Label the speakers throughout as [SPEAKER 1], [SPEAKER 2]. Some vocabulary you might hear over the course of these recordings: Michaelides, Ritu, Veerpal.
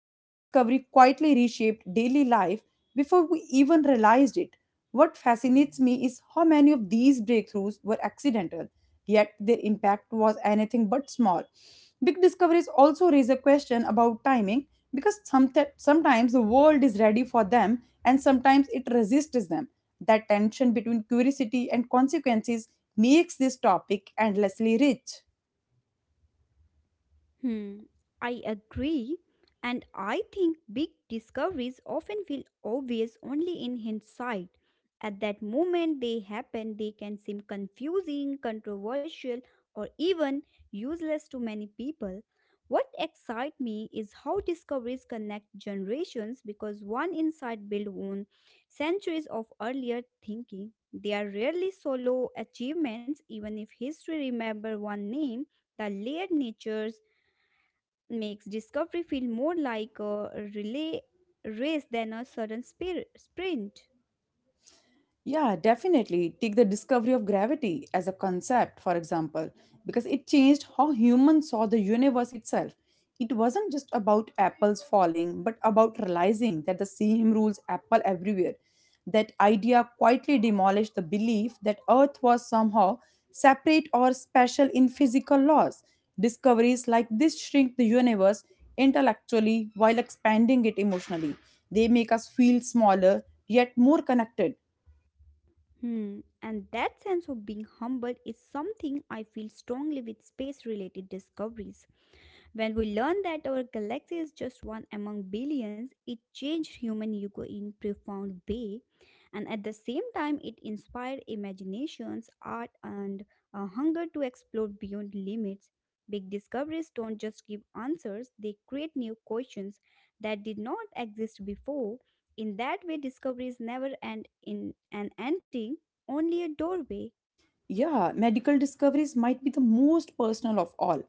[SPEAKER 1] Each discovery quietly reshaped daily life before we even realized it. What fascinates me is how many of these breakthroughs were accidental, yet their impact was anything but small. Big discoveries also raise a question about timing because sometimes the world is ready for them and sometimes it resists them. That tension between curiosity and consequences makes this topic endlessly rich.
[SPEAKER 2] Hmm, I agree. And I think big discoveries often feel obvious only in hindsight. At that moment they happen, they can seem confusing, controversial, or even useless to many people. What excites me is how discoveries connect generations because one insight builds on centuries of earlier thinking. They are rarely solo achievements, even if history remember one name, the layered natures makes discovery feel more like a relay race than a sudden sprint.
[SPEAKER 1] Yeah, definitely. Take the discovery of gravity as a concept, for example, because it changed how humans saw the universe itself. It wasn't just about apples falling, but about realizing that the same rules apple everywhere. That idea quietly demolished the belief that Earth was somehow separate or special in physical laws. Discoveries like this shrink the universe intellectually while expanding it emotionally. They make us feel smaller yet more connected.
[SPEAKER 2] Hmm. And that sense of being humbled is something I feel strongly with space related discoveries. When we learned that our galaxy is just one among billions, it changed human ego in profound way, and at the same time it inspired imaginations, art and a hunger to explore beyond limits. Big discoveries don't just give answers, they create new questions that did not exist before. In that way, discoveries never end in an ending, only a doorway.
[SPEAKER 1] Yeah, medical discoveries might be the most personal of all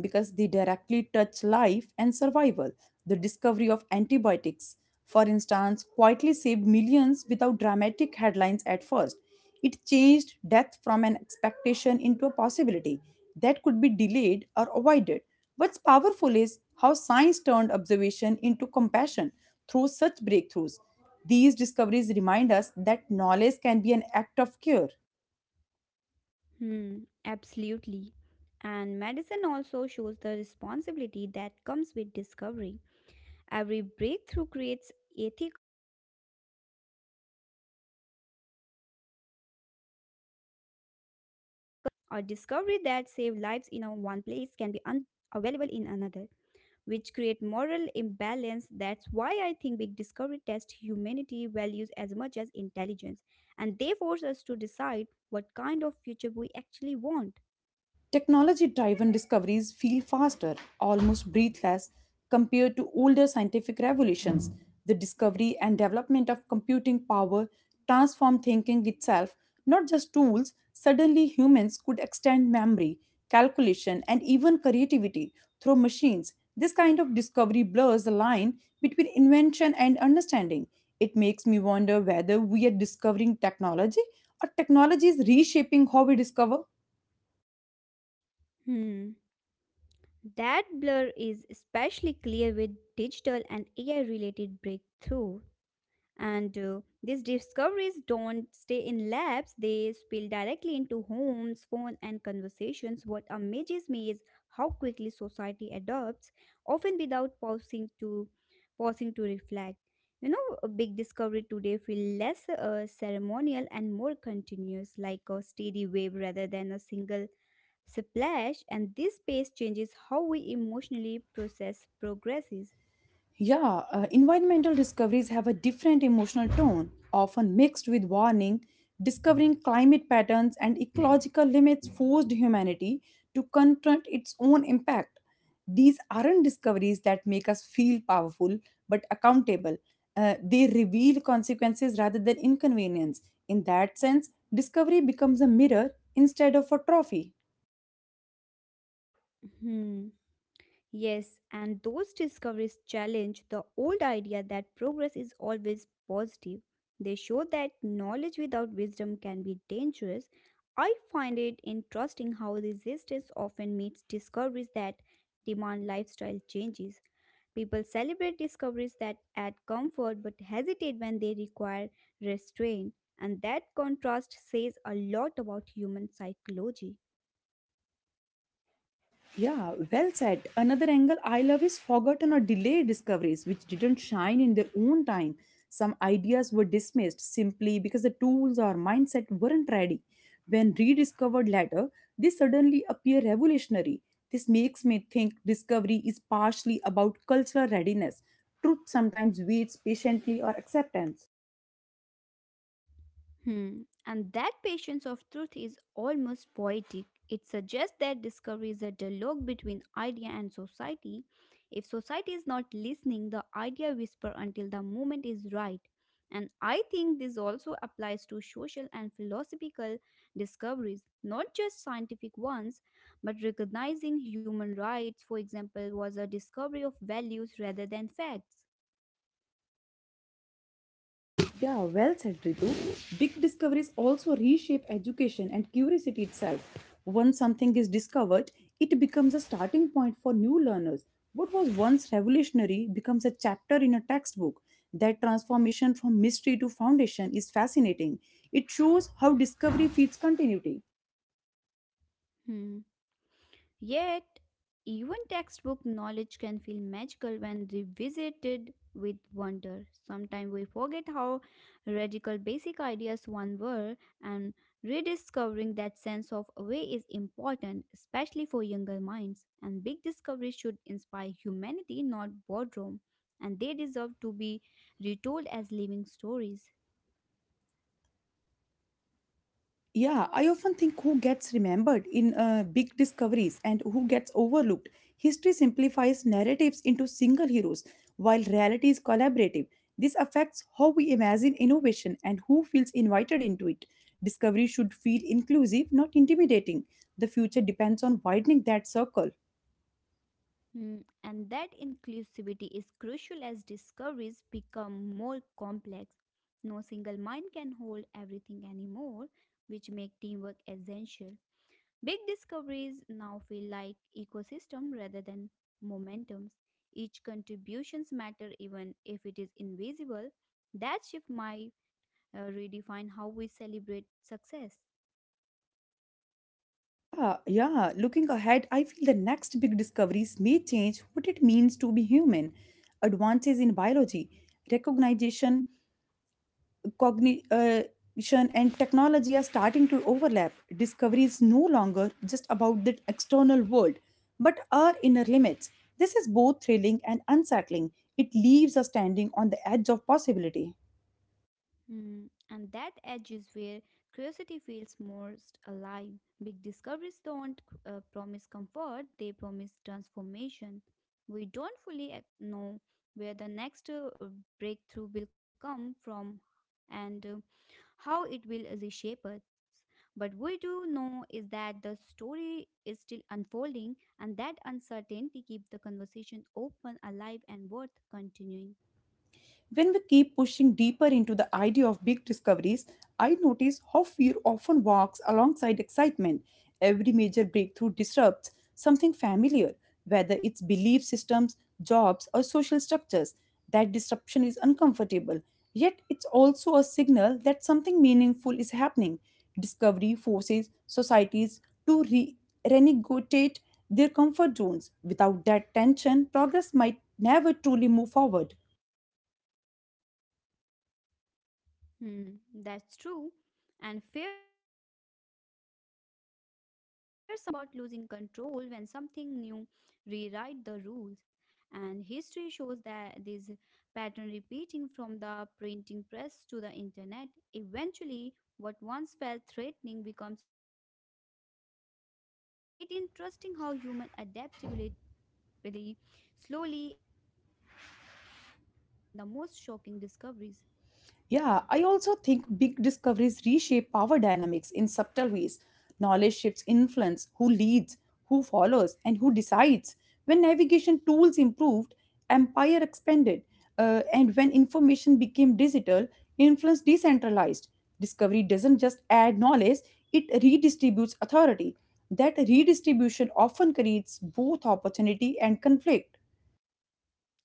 [SPEAKER 1] because they directly touch life and survival. The discovery of antibiotics, for instance, quietly saved millions without dramatic headlines at first. It changed death from an expectation into a possibility that could be delayed or avoided. What's powerful is how science turned observation into compassion through such breakthroughs. These discoveries remind us that knowledge can be an act of care.
[SPEAKER 2] Hmm, absolutely. And medicine also shows the responsibility that comes with discovery. Every breakthrough creates ethical questions about access, affordability, and misuse. A discovery that saves lives in a one place can be unavailable in another, which create moral imbalance. That's why I think big discovery test humanity values as much as intelligence, and they force us to decide what kind of future we actually want.
[SPEAKER 1] Technology driven discoveries feel faster, almost breathless, compared to older scientific revolutions. The discovery and development of computing power transformed thinking itself, not just tools. Suddenly, humans could extend memory, calculation, and even creativity through machines. This kind of discovery blurs the line between invention and understanding. It makes me wonder whether we are discovering technology or technology is reshaping how we discover.
[SPEAKER 2] Hmm. That blur is especially clear with digital and AI related breakthrough. And these discoveries don't stay in labs, they spill directly into homes, phones, and conversations. What amazes me is how quickly society adopts, often without pausing to reflect. You know, a big discovery today feel less ceremonial and more continuous, like a steady wave rather than a single splash and this pace changes how we emotionally process progresses.
[SPEAKER 1] Yeah, environmental discoveries have a different emotional tone, often mixed with warning. Discovering climate patterns and ecological limits forced humanity to confront its own impact. These aren't discoveries that make us feel powerful but accountable. They reveal consequences rather than inconvenience. In that sense, discovery becomes a mirror instead of a trophy.
[SPEAKER 2] Yes, and those discoveries challenge the old idea that progress is always positive. They show that knowledge without wisdom can be dangerous. I find it interesting how resistance often meets discoveries that demand lifestyle changes. People celebrate discoveries that add comfort but hesitate when they require restraint, and that contrast says a lot about human psychology.
[SPEAKER 1] Yeah, well said. Another angle I love is forgotten or delayed discoveries which didn't shine in their own time. Some ideas were dismissed simply because the tools or mindset weren't ready. When rediscovered later, they suddenly appear revolutionary. This makes me think discovery is partially about cultural readiness. Truth sometimes waits patiently or acceptance.
[SPEAKER 2] Hmm. And that patience of truth is almost poetic. It suggests that discovery is a dialogue between idea and society. If society is not listening, the idea whispers until the moment is right. And I think this also applies to social and philosophical discoveries, not just scientific ones, but recognizing human rights, for example, was a discovery of values rather than facts.
[SPEAKER 1] Yeah, well said, Ritu. Big discoveries also reshape education and curiosity itself. Once something is discovered, it becomes a starting point for new learners. What was once revolutionary becomes a chapter in a textbook. That transformation from mystery to foundation is fascinating. It shows how discovery feeds continuity.
[SPEAKER 2] Hmm. Yet, even textbook knowledge can feel magical when revisited with wonder. Sometimes we forget how radical basic ideas once were, and rediscovering that sense of way is important, especially for younger minds. And big discoveries should inspire humanity, not boredom, and they deserve to be retold as living stories.
[SPEAKER 1] Yeah, I often think who gets remembered in big discoveries and who gets overlooked. History simplifies narratives into single heroes, while reality is collaborative. This affects how we imagine innovation and who feels invited into it. Discovery should feel inclusive, not intimidating. The future depends on widening that circle.
[SPEAKER 2] Hmm, and that inclusivity is crucial as discoveries become more complex. No single mind can hold everything anymore, which make teamwork essential. Big discoveries now feel like ecosystem rather than momentums. Each contributions matter even if it is invisible. That shift might redefine how we celebrate success.
[SPEAKER 1] Yeah, yeah. Looking ahead, I feel the next big discoveries may change what it means to be human. Advances in biology, recognition cognition and technology are starting to overlap. Discovery is no longer just about the external world, but our inner limits. This is both thrilling and unsettling. It leaves us standing on the edge of possibility.
[SPEAKER 2] Hmm, and that edge is where curiosity feels most alive. Big discoveries don't promise comfort, they promise transformation. We don't fully know where the next breakthrough will come from and how it will reshape us. But we do know is that the story is still unfolding, and that uncertainty keeps the conversation open, alive, and worth continuing.
[SPEAKER 1] When we keep pushing deeper into the idea of big discoveries, I notice how fear often walks alongside excitement. Every major breakthrough disrupts something familiar, whether it's belief systems, jobs, or social structures. That disruption is uncomfortable, yet it's also a signal that something meaningful is happening. Discovery forces societies to renegotiate their comfort zones. Without that tension, progress might never truly move forward.
[SPEAKER 2] Hmm, that's true. And fear sometimes become the loudest voice in the early stages. People worry about losing control when something new rewrite the rules. And history shows that this pattern repeating from the printing press to the internet. Eventually, what once felt threatening becomes ordinary. It's interesting how human adaptability slowly absorbs even the most shocking discoveries.
[SPEAKER 1] Yeah, I also think big discoveries reshape power dynamics in subtle ways. Knowledge shifts influence, who leads, who follows, and who decides. When navigation tools improved, empire expanded. And when information became digital, influence decentralized. Discovery doesn't just add knowledge, it redistributes authority. That redistribution often creates both opportunity and conflict.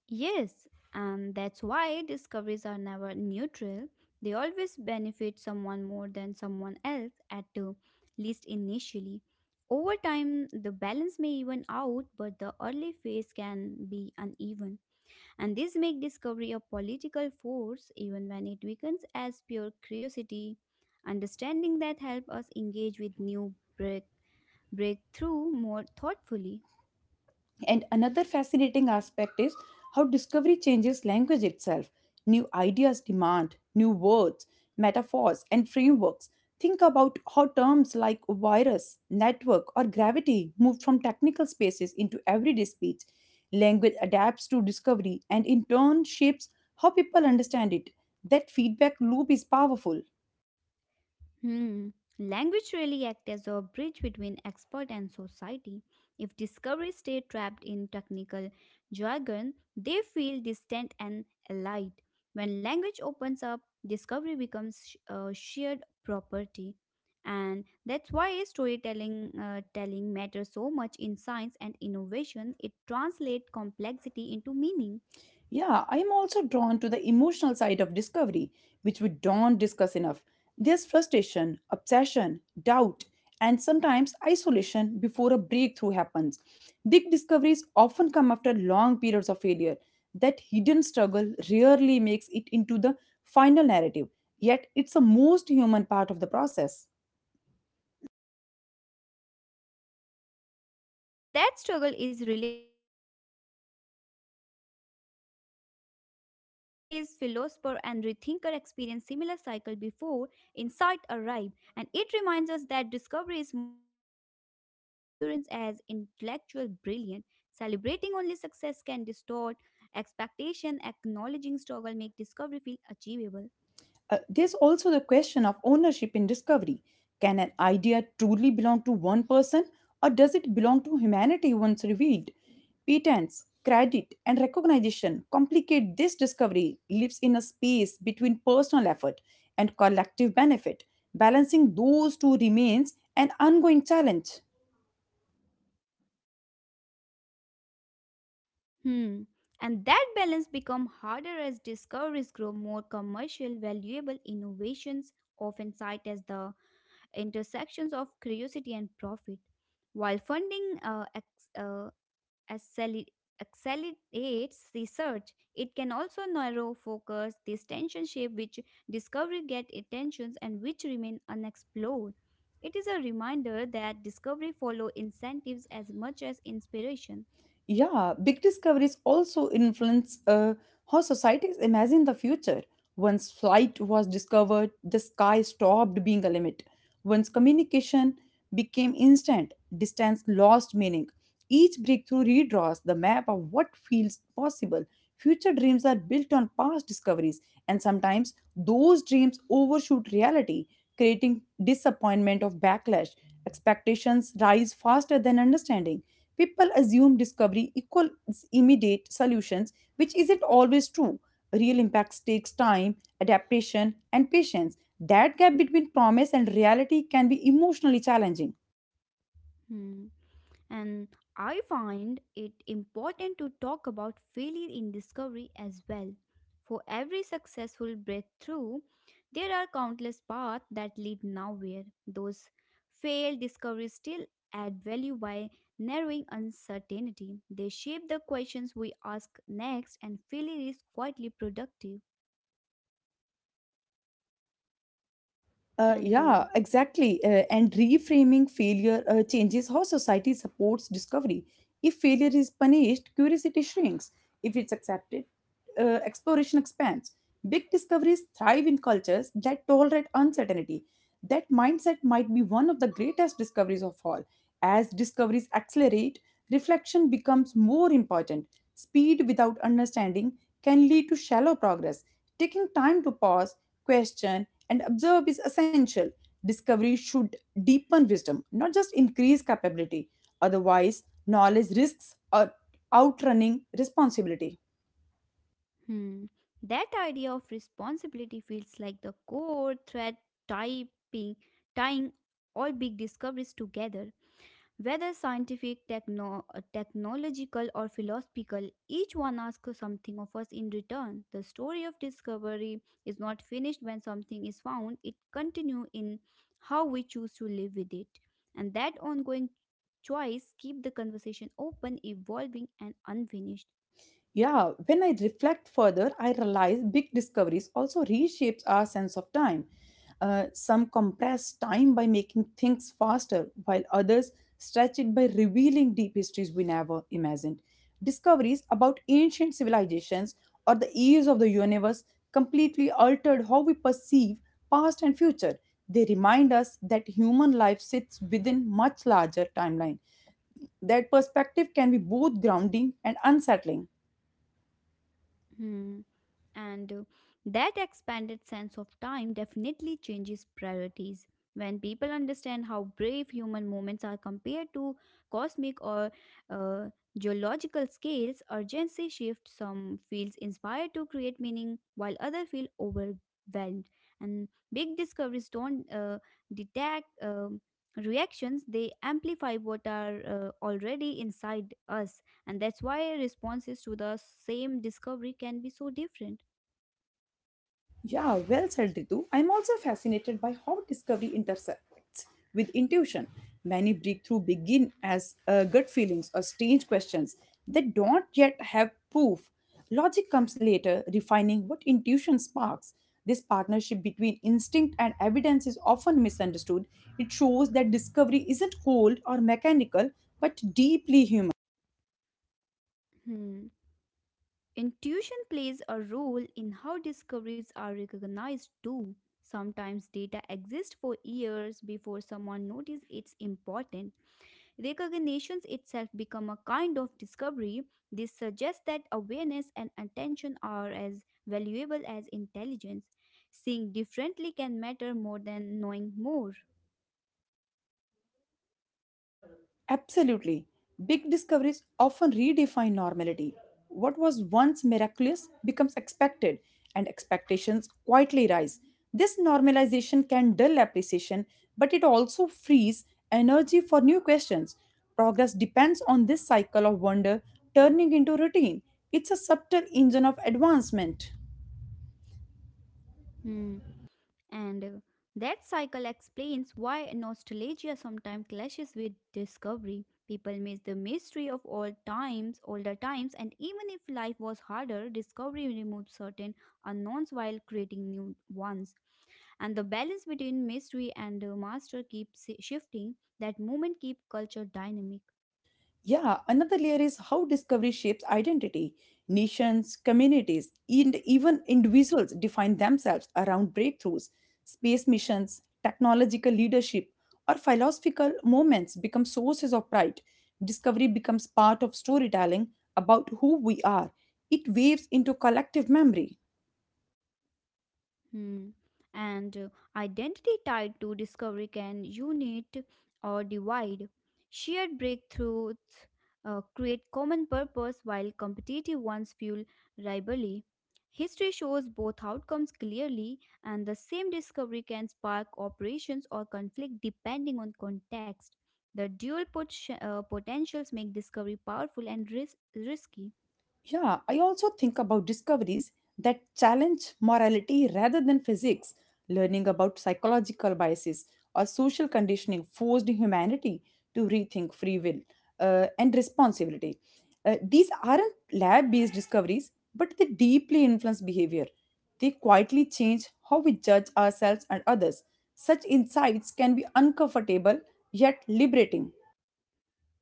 [SPEAKER 2] Yes, and that's why discoveries are never neutral. They always benefit someone more than someone else, at the least initially. Over time, the balance may even out, but the early phase can be uneven. And this makes discovery a political force, even when it weakens as pure curiosity. Understanding that help us engage with new breakthrough more thoughtfully.
[SPEAKER 1] And another fascinating aspect is how discovery changes language itself. New ideas demand new words, metaphors, and frameworks. Think about how terms like virus, network, or gravity move from technical spaces into everyday speech. Language adapts to discovery and in turn shapes how people understand it. That feedback loop is powerful.
[SPEAKER 2] Hmm. Language really acts as a bridge between expert and society. If discoveries stay trapped in technical jargon, they feel distant and allied. When language opens up, discovery becomes shared property. And that's why storytelling telling matters so much in science and innovation. It translates complexity into meaning.
[SPEAKER 1] Yeah, I am also drawn to the emotional side of discovery, which we don't discuss enough. There's frustration, obsession, doubt, and sometimes isolation before a breakthrough happens. Big discoveries often come after long periods of failure. That hidden struggle rarely makes it into the final narrative, yet, it's the most human part of the process.
[SPEAKER 2] Hmm, and that struggle is relatable across field and not just science. Artists, philosopher, and rethinker experience similar cycle before insight arrive, and it reminds us that discovery is much emotional endurance as intellectual brilliance. Celebrating only success can distort expectation. Acknowledging struggle make discovery feel achievable.
[SPEAKER 1] There's also the question of ownership in discovery. Can an idea truly belong to one person, or does it belong to humanity once revealed? Patents, credit, and recognition complicate this discovery, lives in a space between personal effort and collective benefit. Balancing those two remains an ongoing challenge.
[SPEAKER 2] Hmm. And that balance become harder as discoveries grow more commercial, valuable innovations often cited as the intersections of curiosity and profit. While funding acceler- accelerates research, it can also narrow focus this tension shape which discovery get attentions and which remain unexplored. It is a reminder that discovery follow incentives as much as inspiration.
[SPEAKER 1] Yeah, big discoveries also influence how societies imagine the future. Once flight was discovered, the sky stopped being a limit. Once communication became instant, distance lost meaning. Each breakthrough redraws the map of what feels possible. Future dreams are built on past discoveries, and sometimes those dreams overshoot reality, creating disappointment of backlash. Expectations rise faster than understanding. People assume discovery equals immediate solutions, which isn't always true. Real impacts takes time, adaptation, and patience. That gap between promise and reality can be emotionally challenging.
[SPEAKER 2] Hmm. And I find it important to talk about failure in discovery as well. For every successful breakthrough, there are countless paths that lead nowhere. Those failed discoveries still add value by narrowing uncertainty. They shape the questions we ask next, and failure is quietly productive.
[SPEAKER 1] Uh,
[SPEAKER 2] And
[SPEAKER 1] yeah, exactly. And reframing failure changes how society supports discovery. If failure is punished, curiosity shrinks. If it's accepted, exploration expands. Big discoveries thrive in cultures that tolerate uncertainty. That mindset might be one of the greatest discoveries of all. As discoveries accelerate, reflection becomes more important. Speed without understanding can lead to shallow progress. Taking time to pause, question, and observe is essential. Discovery should deepen wisdom, not just increase capability. Otherwise, knowledge risks outrunning responsibility.
[SPEAKER 2] Hmm. That idea of responsibility feels like the core thread typing, tying all big discoveries together. Whether scientific, technological, or philosophical, each one asks something of us in return. The story of discovery is not finished when something is found, it continues in how we choose to live with it. And that ongoing choice keeps the conversation open, evolving, and unfinished.
[SPEAKER 1] Yeah, when I reflect further, I realize big discoveries also reshapes our sense of time. Some compress time by making things faster, while others stretch it by revealing deep histories we never imagined. Discoveries about ancient civilizations or the years of the universe completely altered how we perceive past and future. They remind us that human life sits within much larger timeline. That perspective can be both grounding and unsettling.
[SPEAKER 2] Hmm. And That expanded sense of time definitely changes priorities. When people understand how brave human moments are compared to cosmic or uh, geological scales, urgency shifts. Some feels inspired to create meaning, while others feel overwhelmed. And big discoveries don't detect reactions; they amplify what are already inside us. And that's why responses to the same discovery can be so different.
[SPEAKER 1] Yeah, well said, Ritu. I'm also fascinated by how discovery intersects with intuition. Many breakthrough begin as gut feelings or strange questions that don't yet have proof. Logic comes later, refining what intuition sparks. This partnership between instinct and evidence is often misunderstood. It shows that discovery isn't cold or mechanical, but deeply human.
[SPEAKER 2] Hmm. Intuition plays a role in how discoveries are recognized too. Sometimes data exists for years before someone notices it's important. Recognitions itself become a kind of discovery. This suggests that awareness and attention are as valuable as intelligence. Seeing differently can matter more than knowing more.
[SPEAKER 1] Absolutely. Big discoveries often redefine normality. What was once miraculous becomes expected, and expectations quietly rise. This normalization can dull appreciation, but it also frees energy for new questions. Progress depends on this cycle of wonder turning into routine. It's a subtle engine of advancement.
[SPEAKER 2] Hmm. And That cycle explains why nostalgia sometimes clashes with discovery. People miss the mystery of old times, older times, and even if life was harder, discovery removes certain unknowns while creating new ones. And the balance between mystery and master keeps shifting. That movement keeps culture dynamic.
[SPEAKER 1] Yeah, another layer is how discovery shapes identity. Nations, communities, and even individuals define themselves around breakthroughs. Space missions, technological leadership, or philosophical moments become sources of pride. Discovery becomes part of storytelling about who we are. It waves into collective memory.
[SPEAKER 2] Hmm. And identity tied to discovery can unite or divide. Shared breakthroughs create common purpose while competitive ones fuel rivalry. History shows both outcomes clearly, and the same discovery can spark operations or conflict depending on context. The dual potentials make discovery powerful and risky.
[SPEAKER 1] Yeah, I also think about discoveries that challenge morality rather than physics, learning about psychological biases or social conditioning forced humanity to rethink free will and responsibility. These aren't lab based discoveries, but they deeply influence behavior. They quietly change how we judge ourselves and others. Such insights can be uncomfortable yet liberating.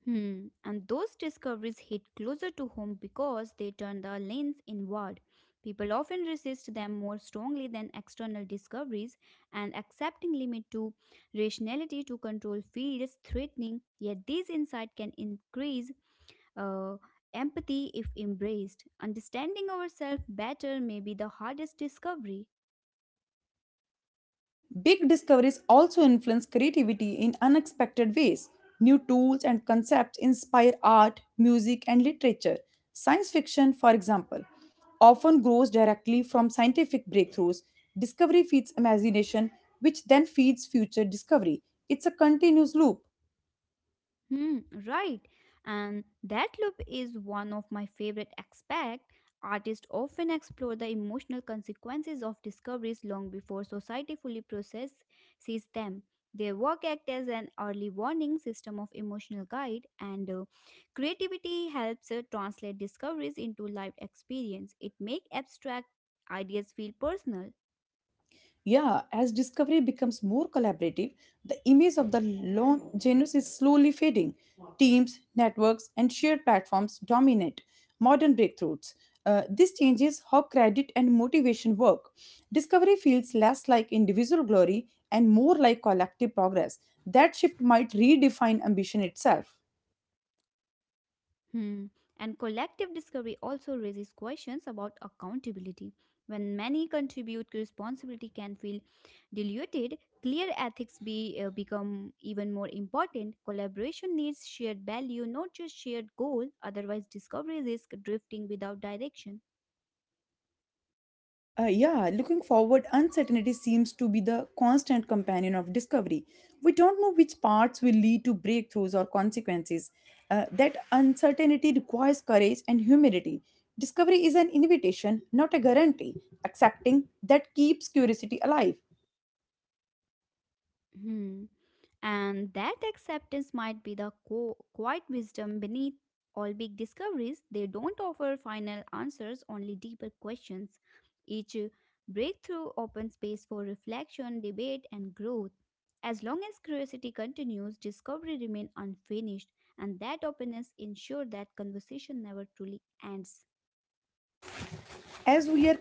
[SPEAKER 2] Hmm. And those discoveries hit closer to home because they turn the lens inward. People often resist them more strongly than external discoveries, and accepting limit to rationality to control feels threatening. Yet these insights can increase uh, empathy if embraced. Understanding ourselves better may be the hardest discovery.
[SPEAKER 1] Big discoveries also influence creativity in unexpected ways. New tools and concepts inspire art, music, and literature. Science fiction, for example, often grows directly from scientific breakthroughs. Discovery feeds imagination, which then feeds future discovery. It's a continuous loop.
[SPEAKER 2] Hmm, right. And that loop is one of my favorite aspects. Artists often explore the emotional consequences of discoveries long before society fully processes them. Their work acts as an early warning system of emotional guide, and creativity helps translate discoveries into lived experience. It makes abstract ideas feel personal.
[SPEAKER 1] Yeah, as discovery becomes more collaborative, the image of the lone genus is slowly fading. Teams, networks, and shared platforms dominate modern breakthroughs. This changes how credit and motivation work. Discovery feels less like individual glory and more like collective progress. That shift might redefine ambition itself.
[SPEAKER 2] Hmm. And collective discovery also raises questions about accountability. When many contribute, responsibility can feel diluted. Clear ethics be become even more important. Collaboration needs shared value, not just shared goal. Otherwise, discovery risks drifting without direction.
[SPEAKER 1] Yeah, looking forward, uncertainty seems to be the constant companion of discovery. We don't know which paths will lead to breakthroughs or consequences. That uncertainty requires courage and humility. Discovery is an invitation, not a guarantee. Accepting that keeps curiosity alive.
[SPEAKER 2] Hmm. And that acceptance might be the quiet wisdom beneath all big discoveries. They don't offer final answers, only deeper questions. Each breakthrough opens space for reflection, debate, and growth. As long as curiosity continues, discovery remains unfinished, and that openness ensures that conversation never truly ends.
[SPEAKER 1] As we are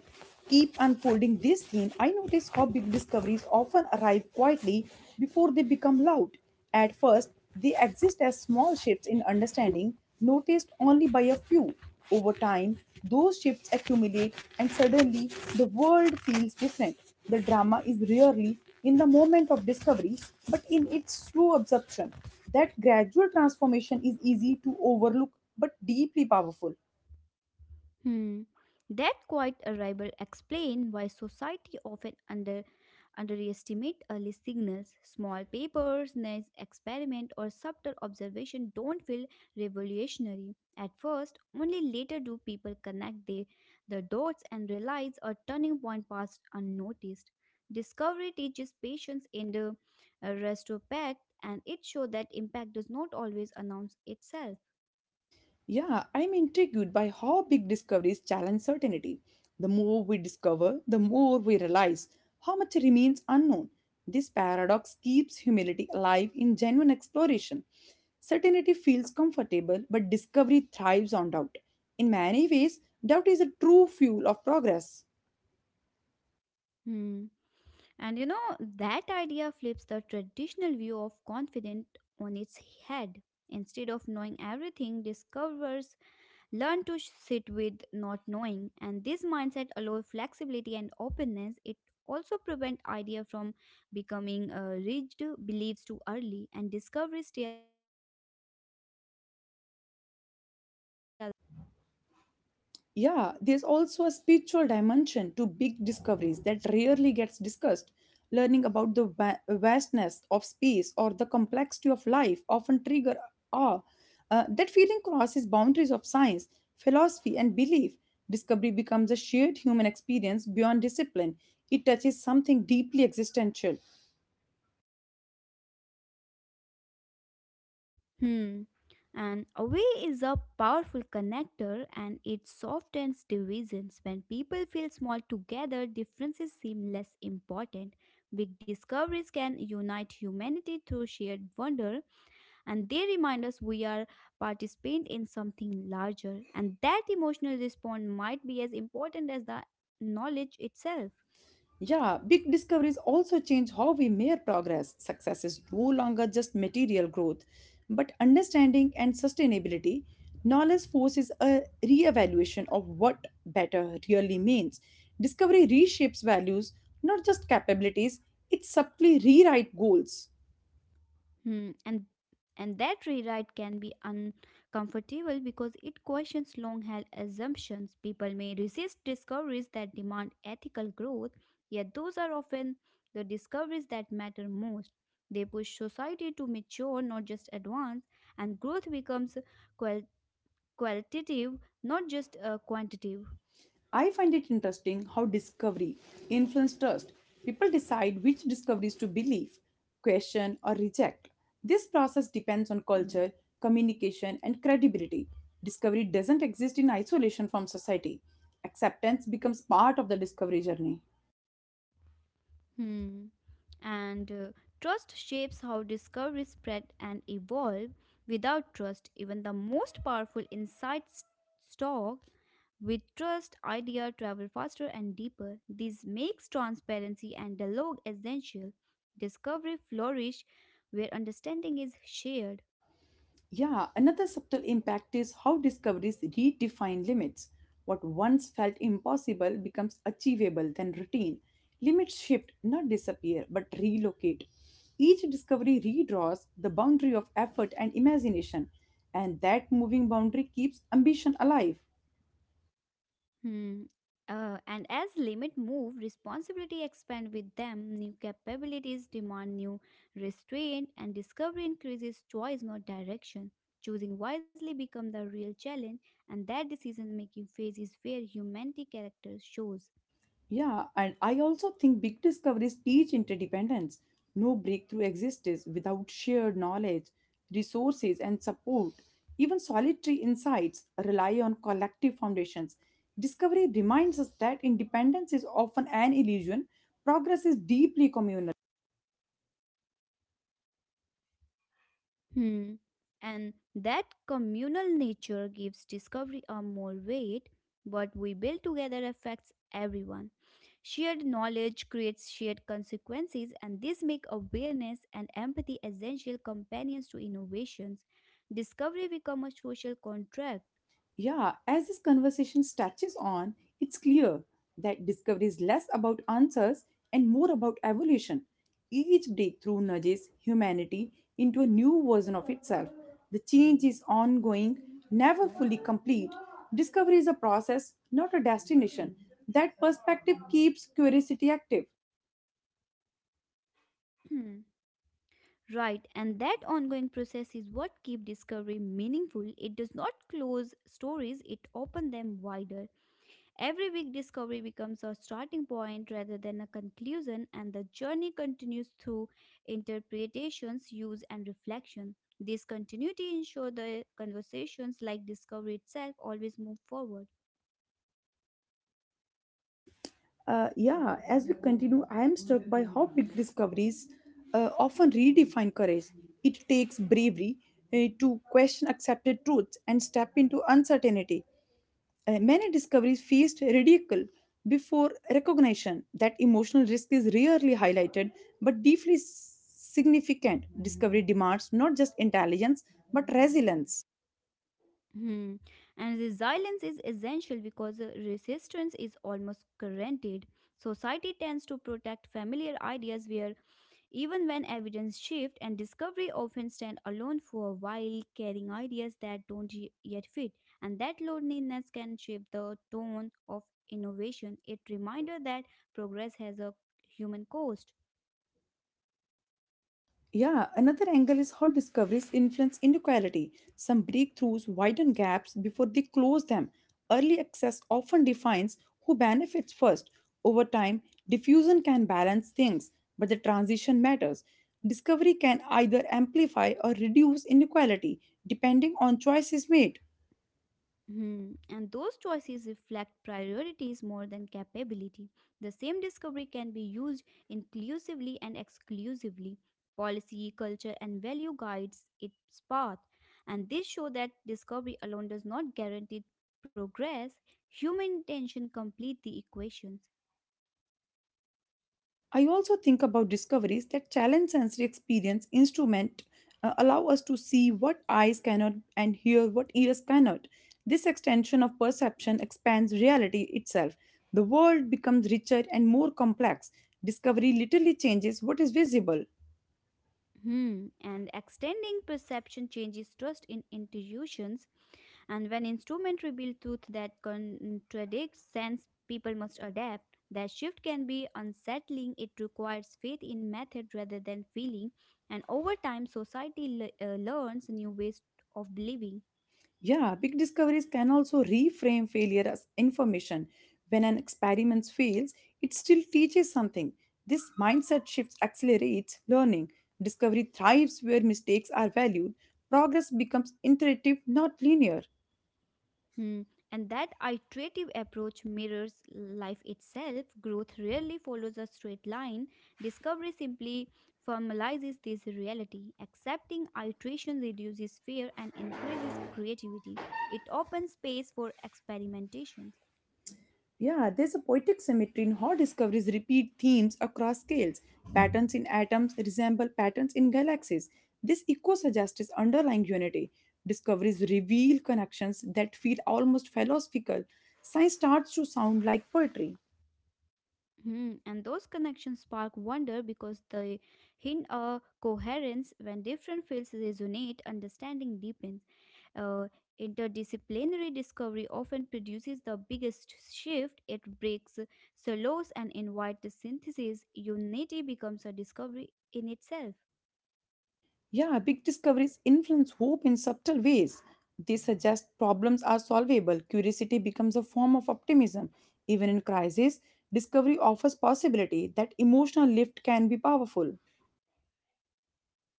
[SPEAKER 1] keep unfolding this theme, I notice how big discoveries often arrive quietly before they become loud. At first, they exist as small shifts in understanding, noticed only by a few. Over time, those shifts accumulate, and suddenly the world feels different. The drama is rarely in the moment of discovery, but in its slow absorption. That gradual transformation is easy to overlook but deeply powerful.
[SPEAKER 2] Hmm. That quiet arrival explains why society often underestimate early signals. Small papers, nice experiment, or subtle observation don't feel revolutionary at first. Only later do people connect the dots and realize a turning point passed unnoticed. Discovery teaches patience in the retrospect, and it shows that impact does not always announce itself.
[SPEAKER 1] Yeah, I'm intrigued by how big discoveries challenge certainty. The more we discover, the more we realize how much remains unknown. This paradox keeps humility alive in genuine exploration. Certainty feels comfortable, but discovery thrives on doubt. In many ways, doubt is a true fuel of progress.
[SPEAKER 2] Hmm. And you know, that idea flips the traditional view of confident on its head. Instead of knowing everything, discoverers learn to sit with not knowing, and this mindset allows flexibility and openness. It also prevents idea from becoming rigid beliefs too early, and discoveries stay alive when curiosity outweighs ego.
[SPEAKER 1] Yeah, there's also a spiritual dimension to big discoveries that rarely gets discussed. Learning about the vastness of space or the complexity of life often trigger awe. That feeling crosses boundaries of science, philosophy, and belief. Discovery becomes a shared human experience beyond discipline. It touches something deeply existential.
[SPEAKER 2] Hmm. And away is a powerful connector and it softens divisions. When people feel small together, differences seem less important. Big discoveries can unite humanity through shared wonder and they remind us we are participant in something larger. And that emotional response might be as important as the knowledge itself.
[SPEAKER 1] Yeah, big discoveries also change how we measure progress. Success is no longer just material growth, but understanding and sustainability. Knowledge forces a reevaluation of what better really means. Discovery reshapes values, not just capabilities, it subtly rewrites goals.
[SPEAKER 2] Hmm, and and that rewrite can be uncomfortable because it questions long-held assumptions. People may resist discoveries that demand ethical growth, yet those are often the discoveries that matter most. They push society to mature, not just advance, and growth becomes qual- qualitative, not just quantitative.
[SPEAKER 1] I find it interesting how discovery influences trust. People decide which discoveries to believe, question, or reject. This process depends on culture, communication, and credibility. Discovery doesn't exist in isolation from society. Acceptance becomes part of the discovery journey.
[SPEAKER 2] Hmm. And Trust shapes how discovery spread and evolve. Without trust, even the most powerful insights stock with trust idea travel faster and deeper. This makes transparency and dialogue essential. Discovery flourish where understanding is shared.
[SPEAKER 1] Yeah, another subtle impact is how discoveries redefine limits. What once felt impossible becomes achievable, then routine. Limits shift, not disappear, but relocate. Each discovery redraws the boundary of effort and imagination, and that moving boundary keeps ambition alive.
[SPEAKER 2] Hmm. And as limit move, responsibility expand with them. New capabilities demand new restraint, and discovery increases choice, not direction. Choosing wisely become the real challenge, and that decision-making phase is where humanity character shows.
[SPEAKER 1] Yeah, and I also think big discoveries teach interdependence. No breakthrough exists without shared knowledge, resources, and support. Even solitary insights rely on collective foundations. Discovery reminds us that independence is often an illusion, progress is deeply communal.
[SPEAKER 2] Hmm. And that communal nature gives discovery a more weight. What we build together affects everyone. Shared knowledge creates shared consequences, and this make awareness and empathy essential companions to innovations. Discovery become a social contract.
[SPEAKER 1] Yeah, as this conversation touches on, it's clear that discovery is less about answers and more about evolution. Each breakthrough nudges humanity into a new version of itself. The change is ongoing, never fully complete. Discovery is a process, not a destination. That perspective keeps curiosity active.
[SPEAKER 2] Hmm. Right, and that ongoing process is what keep discovery meaningful. It does not close stories; it open them wider. Every week, discovery becomes a starting point rather than a conclusion, and the journey continues through interpretations, use, and reflection. This continuity ensures the conversations, like discovery itself, always move forward.
[SPEAKER 1] Yeah, as we continue, I am struck by how big discoveries often redefine courage. It takes bravery to question accepted truths and step into uncertainty. Many discoveries faced ridicule before recognition. That emotional risk is rarely highlighted but deeply significant. Discovery demands not just intelligence but resilience.
[SPEAKER 2] Hmm. And resilience is essential because resistance is almost guaranteed. Society tends to protect familiar ideas where even when evidence shifts and discovery often stand alone for a while, carrying ideas that don't yet fit, and that loneliness can shape the tone of innovation. It reminder that progress has a human cost.
[SPEAKER 1] Yeah, another angle is how discoveries influence inequality. Some breakthroughs widen gaps before they close them. Early access often defines who benefits first. Over time, diffusion can balance things, but the transition matters. Discovery can either amplify or reduce inequality depending on choices made.
[SPEAKER 2] Hmm, and those choices reflect priorities more than capability. The same discovery can be used inclusively and exclusively. Policy, culture, and value guides its path. And this show that discovery alone does not guarantee progress. Human intention complete the equations.
[SPEAKER 1] I also think about discoveries that challenge sensory experience instrument allow us to see what eyes cannot and hear what ears cannot. This extension of perception expands reality itself. The world becomes richer and more complex. Discovery literally changes what is visible.
[SPEAKER 2] Hmm. And extending perception changes trust in intuitions. And when instrument reveal truth that contradicts sense, people must adapt. That shift can be unsettling. It requires faith in method rather than feeling. And over time, society learns new ways of believing.
[SPEAKER 1] Yeah, big discoveries can also reframe failure as information. When an experiment fails, it still teaches something. This mindset shift accelerates learning. Discovery thrives where mistakes are valued. Progress becomes iterative, not linear.
[SPEAKER 2] Hmm. And that iterative approach mirrors life itself. Growth rarely follows a straight line. Discovery simply formalizes this reality. Accepting iteration reduces fear and increases creativity. It opens space for experimentations.
[SPEAKER 1] Yeah, there's a poetic symmetry in how discoveries repeat themes across scales. Patterns in atoms resemble patterns in galaxies. This echo suggests its underlying unity. Discoveries reveal connections that feel almost philosophical. Science starts to sound like poetry.
[SPEAKER 2] Hmm. And those connections spark wonder because they hint a coherence when different fields resonate, understanding deepens. Uh, Interdisciplinary discovery often produces the biggest shift. It breaks silos and invites synthesis. Unity becomes a discovery in itself.
[SPEAKER 1] Yeah, big discoveries influence hope in subtle ways. They suggest problems are solvable. Curiosity becomes a form of optimism. Even in crisis, discovery offers possibility that emotional lift can be powerful.
[SPEAKER 2] Hmm.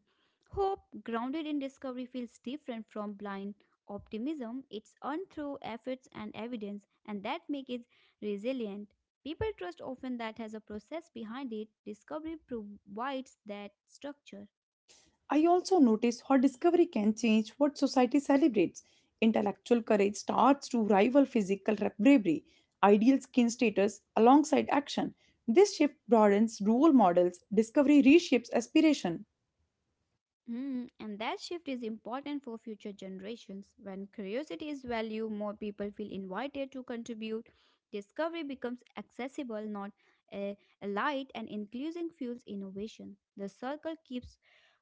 [SPEAKER 2] Hope grounded in discovery feels different from blind optimism. It's earned through efforts and evidence, and that makes it resilient. People trust often that has a process behind it. Discovery provides that structure.
[SPEAKER 1] I also notice how discovery can change what society celebrates. Intellectual courage starts to rival physical bravery, ideal skin status alongside action. This shift broadens role models, discovery reshapes aspiration.
[SPEAKER 2] Hmm, and that shift is important for future generations. When curiosity is valued, more people feel invited to contribute. Discovery becomes accessible, not a light, and inclusion fuels innovation. The circle keeps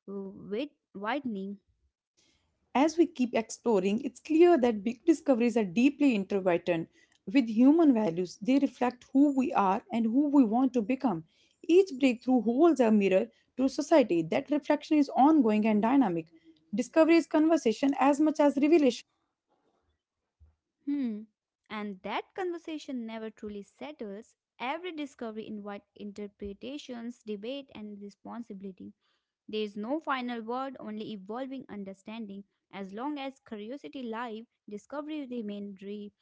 [SPEAKER 2] widening.
[SPEAKER 1] As we keep exploring, it's clear that big discoveries are deeply intertwined with human values. They reflect who we are and who we want to become. Each breakthrough holds a mirror to society. That reflection is ongoing and dynamic. Discovery is conversation as much as revelation.
[SPEAKER 2] Hmm. And that conversation never truly settles. Every discovery invites interpretations, debate, and responsibility. There is no final word, only evolving understanding. As long as curiosity live, discovery remain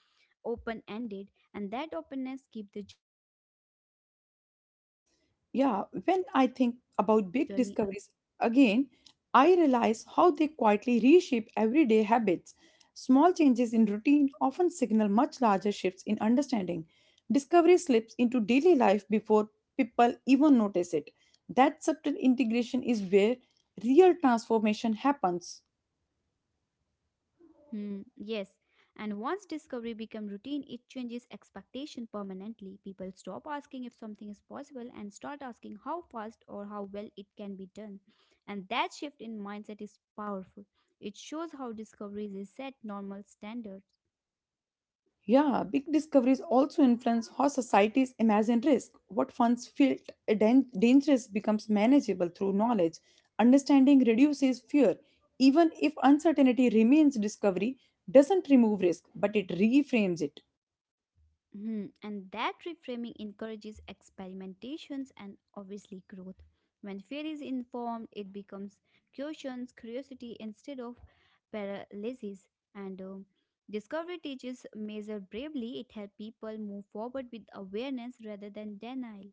[SPEAKER 2] open-ended, and that openness keep the journey alive.
[SPEAKER 1] Yeah, when I think about big discoveries again, I realize how they quietly reshape everyday habits. Small changes in routine often signal much larger shifts in understanding. Discovery slips into daily life before people even notice it. That subtle integration is where real transformation happens.
[SPEAKER 2] Hmm, yes. And once discovery become routine, it changes expectation permanently. People stop asking if something is possible and start asking how fast or how well it can be done. And that shift in mindset is powerful. It shows how discoveries reset normal standards.
[SPEAKER 1] Yeah, big discoveries also influence how societies imagine risk. What once felt dangerous becomes manageable through knowledge. Understanding reduces fear. Even if uncertainty remains, discovery doesn't remove risk, but it reframes it.
[SPEAKER 2] Mhm. And that reframing encourages experimentations and obviously growth. When fear is informed, it becomes cautions, curiosity instead of paralysis. And Discovery teaches measure bravely. It helps people move forward with awareness rather than denial.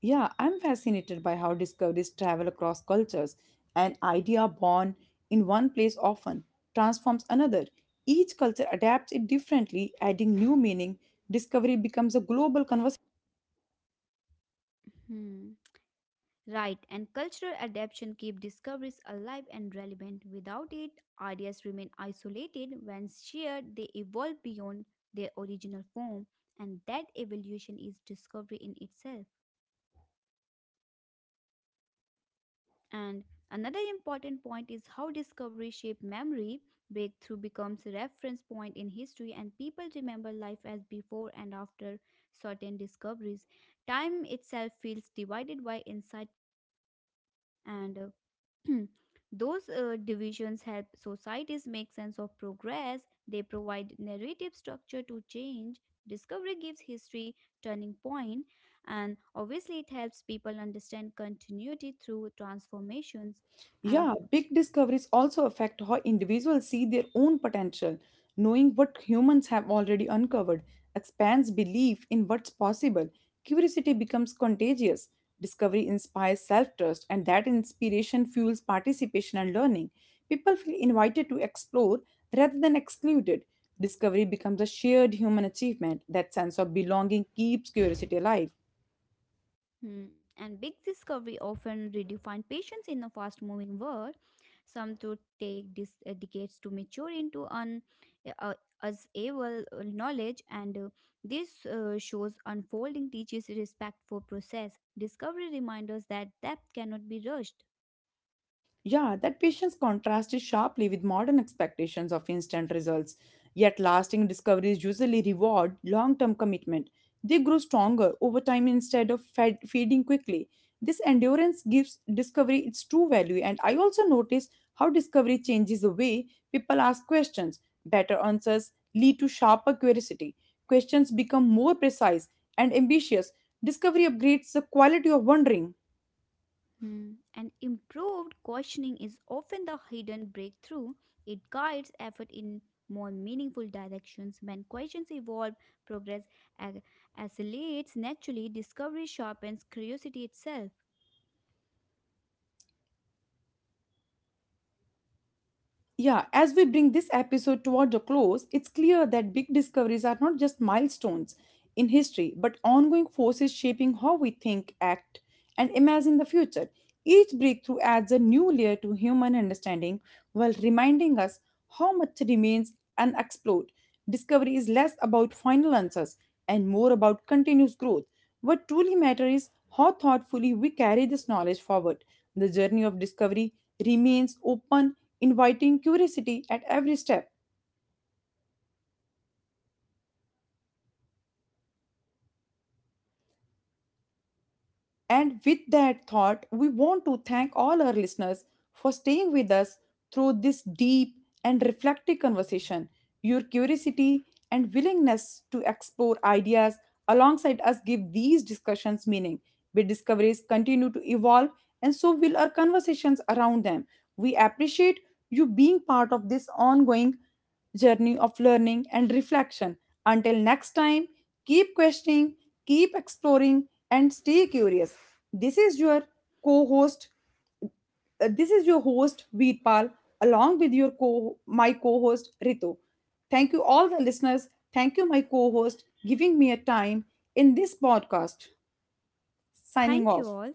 [SPEAKER 1] Yeah, I'm fascinated by how discoveries travel across cultures. An idea born in one place often transforms another. Each culture adapts it differently, adding new meaning. Discovery becomes a global conversation.
[SPEAKER 2] Hmm. Right, and cultural adaptation keep discoveries alive and relevant. Without it, ideas remain isolated. When shared, they evolve beyond their original form, and that evolution is discovery in itself. And another important point is how discovery shape memory. Breakthrough becomes a reference point in history, and people remember life as before and after certain discoveries. Time itself feels divided by insight and Those divisions help societies make sense of progress. They provide narrative structure to change. Discovery gives history turning point, and obviously, it helps people understand continuity through transformations. And
[SPEAKER 1] Yeah, big discoveries also affect how individuals see their own potential. Knowing what humans have already uncovered expands belief in what's possible. Curiosity becomes contagious. Discovery inspires self trust, and that inspiration fuels participation and learning. People feel invited to explore rather than excluded. Discovery becomes a shared human achievement. That sense of belonging keeps curiosity alive.
[SPEAKER 2] And big discovery often redefine patience in a fast-moving world. Some to take dis- decades to mature into an uh, as able knowledge, and this shows unfolding teaches respect for process. Discovery reminds us that depth cannot be rushed.
[SPEAKER 1] Yeah, that patient's contrast is sharply with modern expectations of instant results. Yet, lasting discoveries usually reward long term commitment. They grow stronger over time instead of fading quickly. This endurance gives discovery its true value, and I also notice how discovery changes the way people ask questions. Better answers lead to sharper curiosity. Questions become more precise and ambitious. Discovery upgrades the quality of wondering.
[SPEAKER 2] Hmm, and improved questioning is often the hidden breakthrough. It guides effort in more meaningful directions. When questions evolve, progress ag- accelerates naturally, discovery sharpens curiosity itself.
[SPEAKER 1] Yeah, as we bring this episode toward a close, it's clear that big discoveries are not just milestones in history, but ongoing forces shaping how we think, act, and imagine the future. Each breakthrough adds a new layer to human understanding while reminding us how much remains unexplored. Discovery is less about final answers and more about continuous growth. What truly matters is how thoughtfully we carry this knowledge forward. The journey of discovery remains open inviting curiosity at every step. And with that thought, we want to thank all our listeners for staying with us through this deep and reflective conversation. Your curiosity and willingness to explore ideas alongside us give these discussions meaning. Big discoveries continue to evolve, and so will our conversations around them. We appreciate you being part of this ongoing journey of learning and reflection. Until next time, keep questioning, keep exploring, and stay curious. This is your co-host. This is your host Veerpal, along with your co my co-host Ritu. Thank you all the listeners. Thank you my co-host giving me a time in this podcast. Signing
[SPEAKER 2] Thank you
[SPEAKER 1] off.
[SPEAKER 2] all.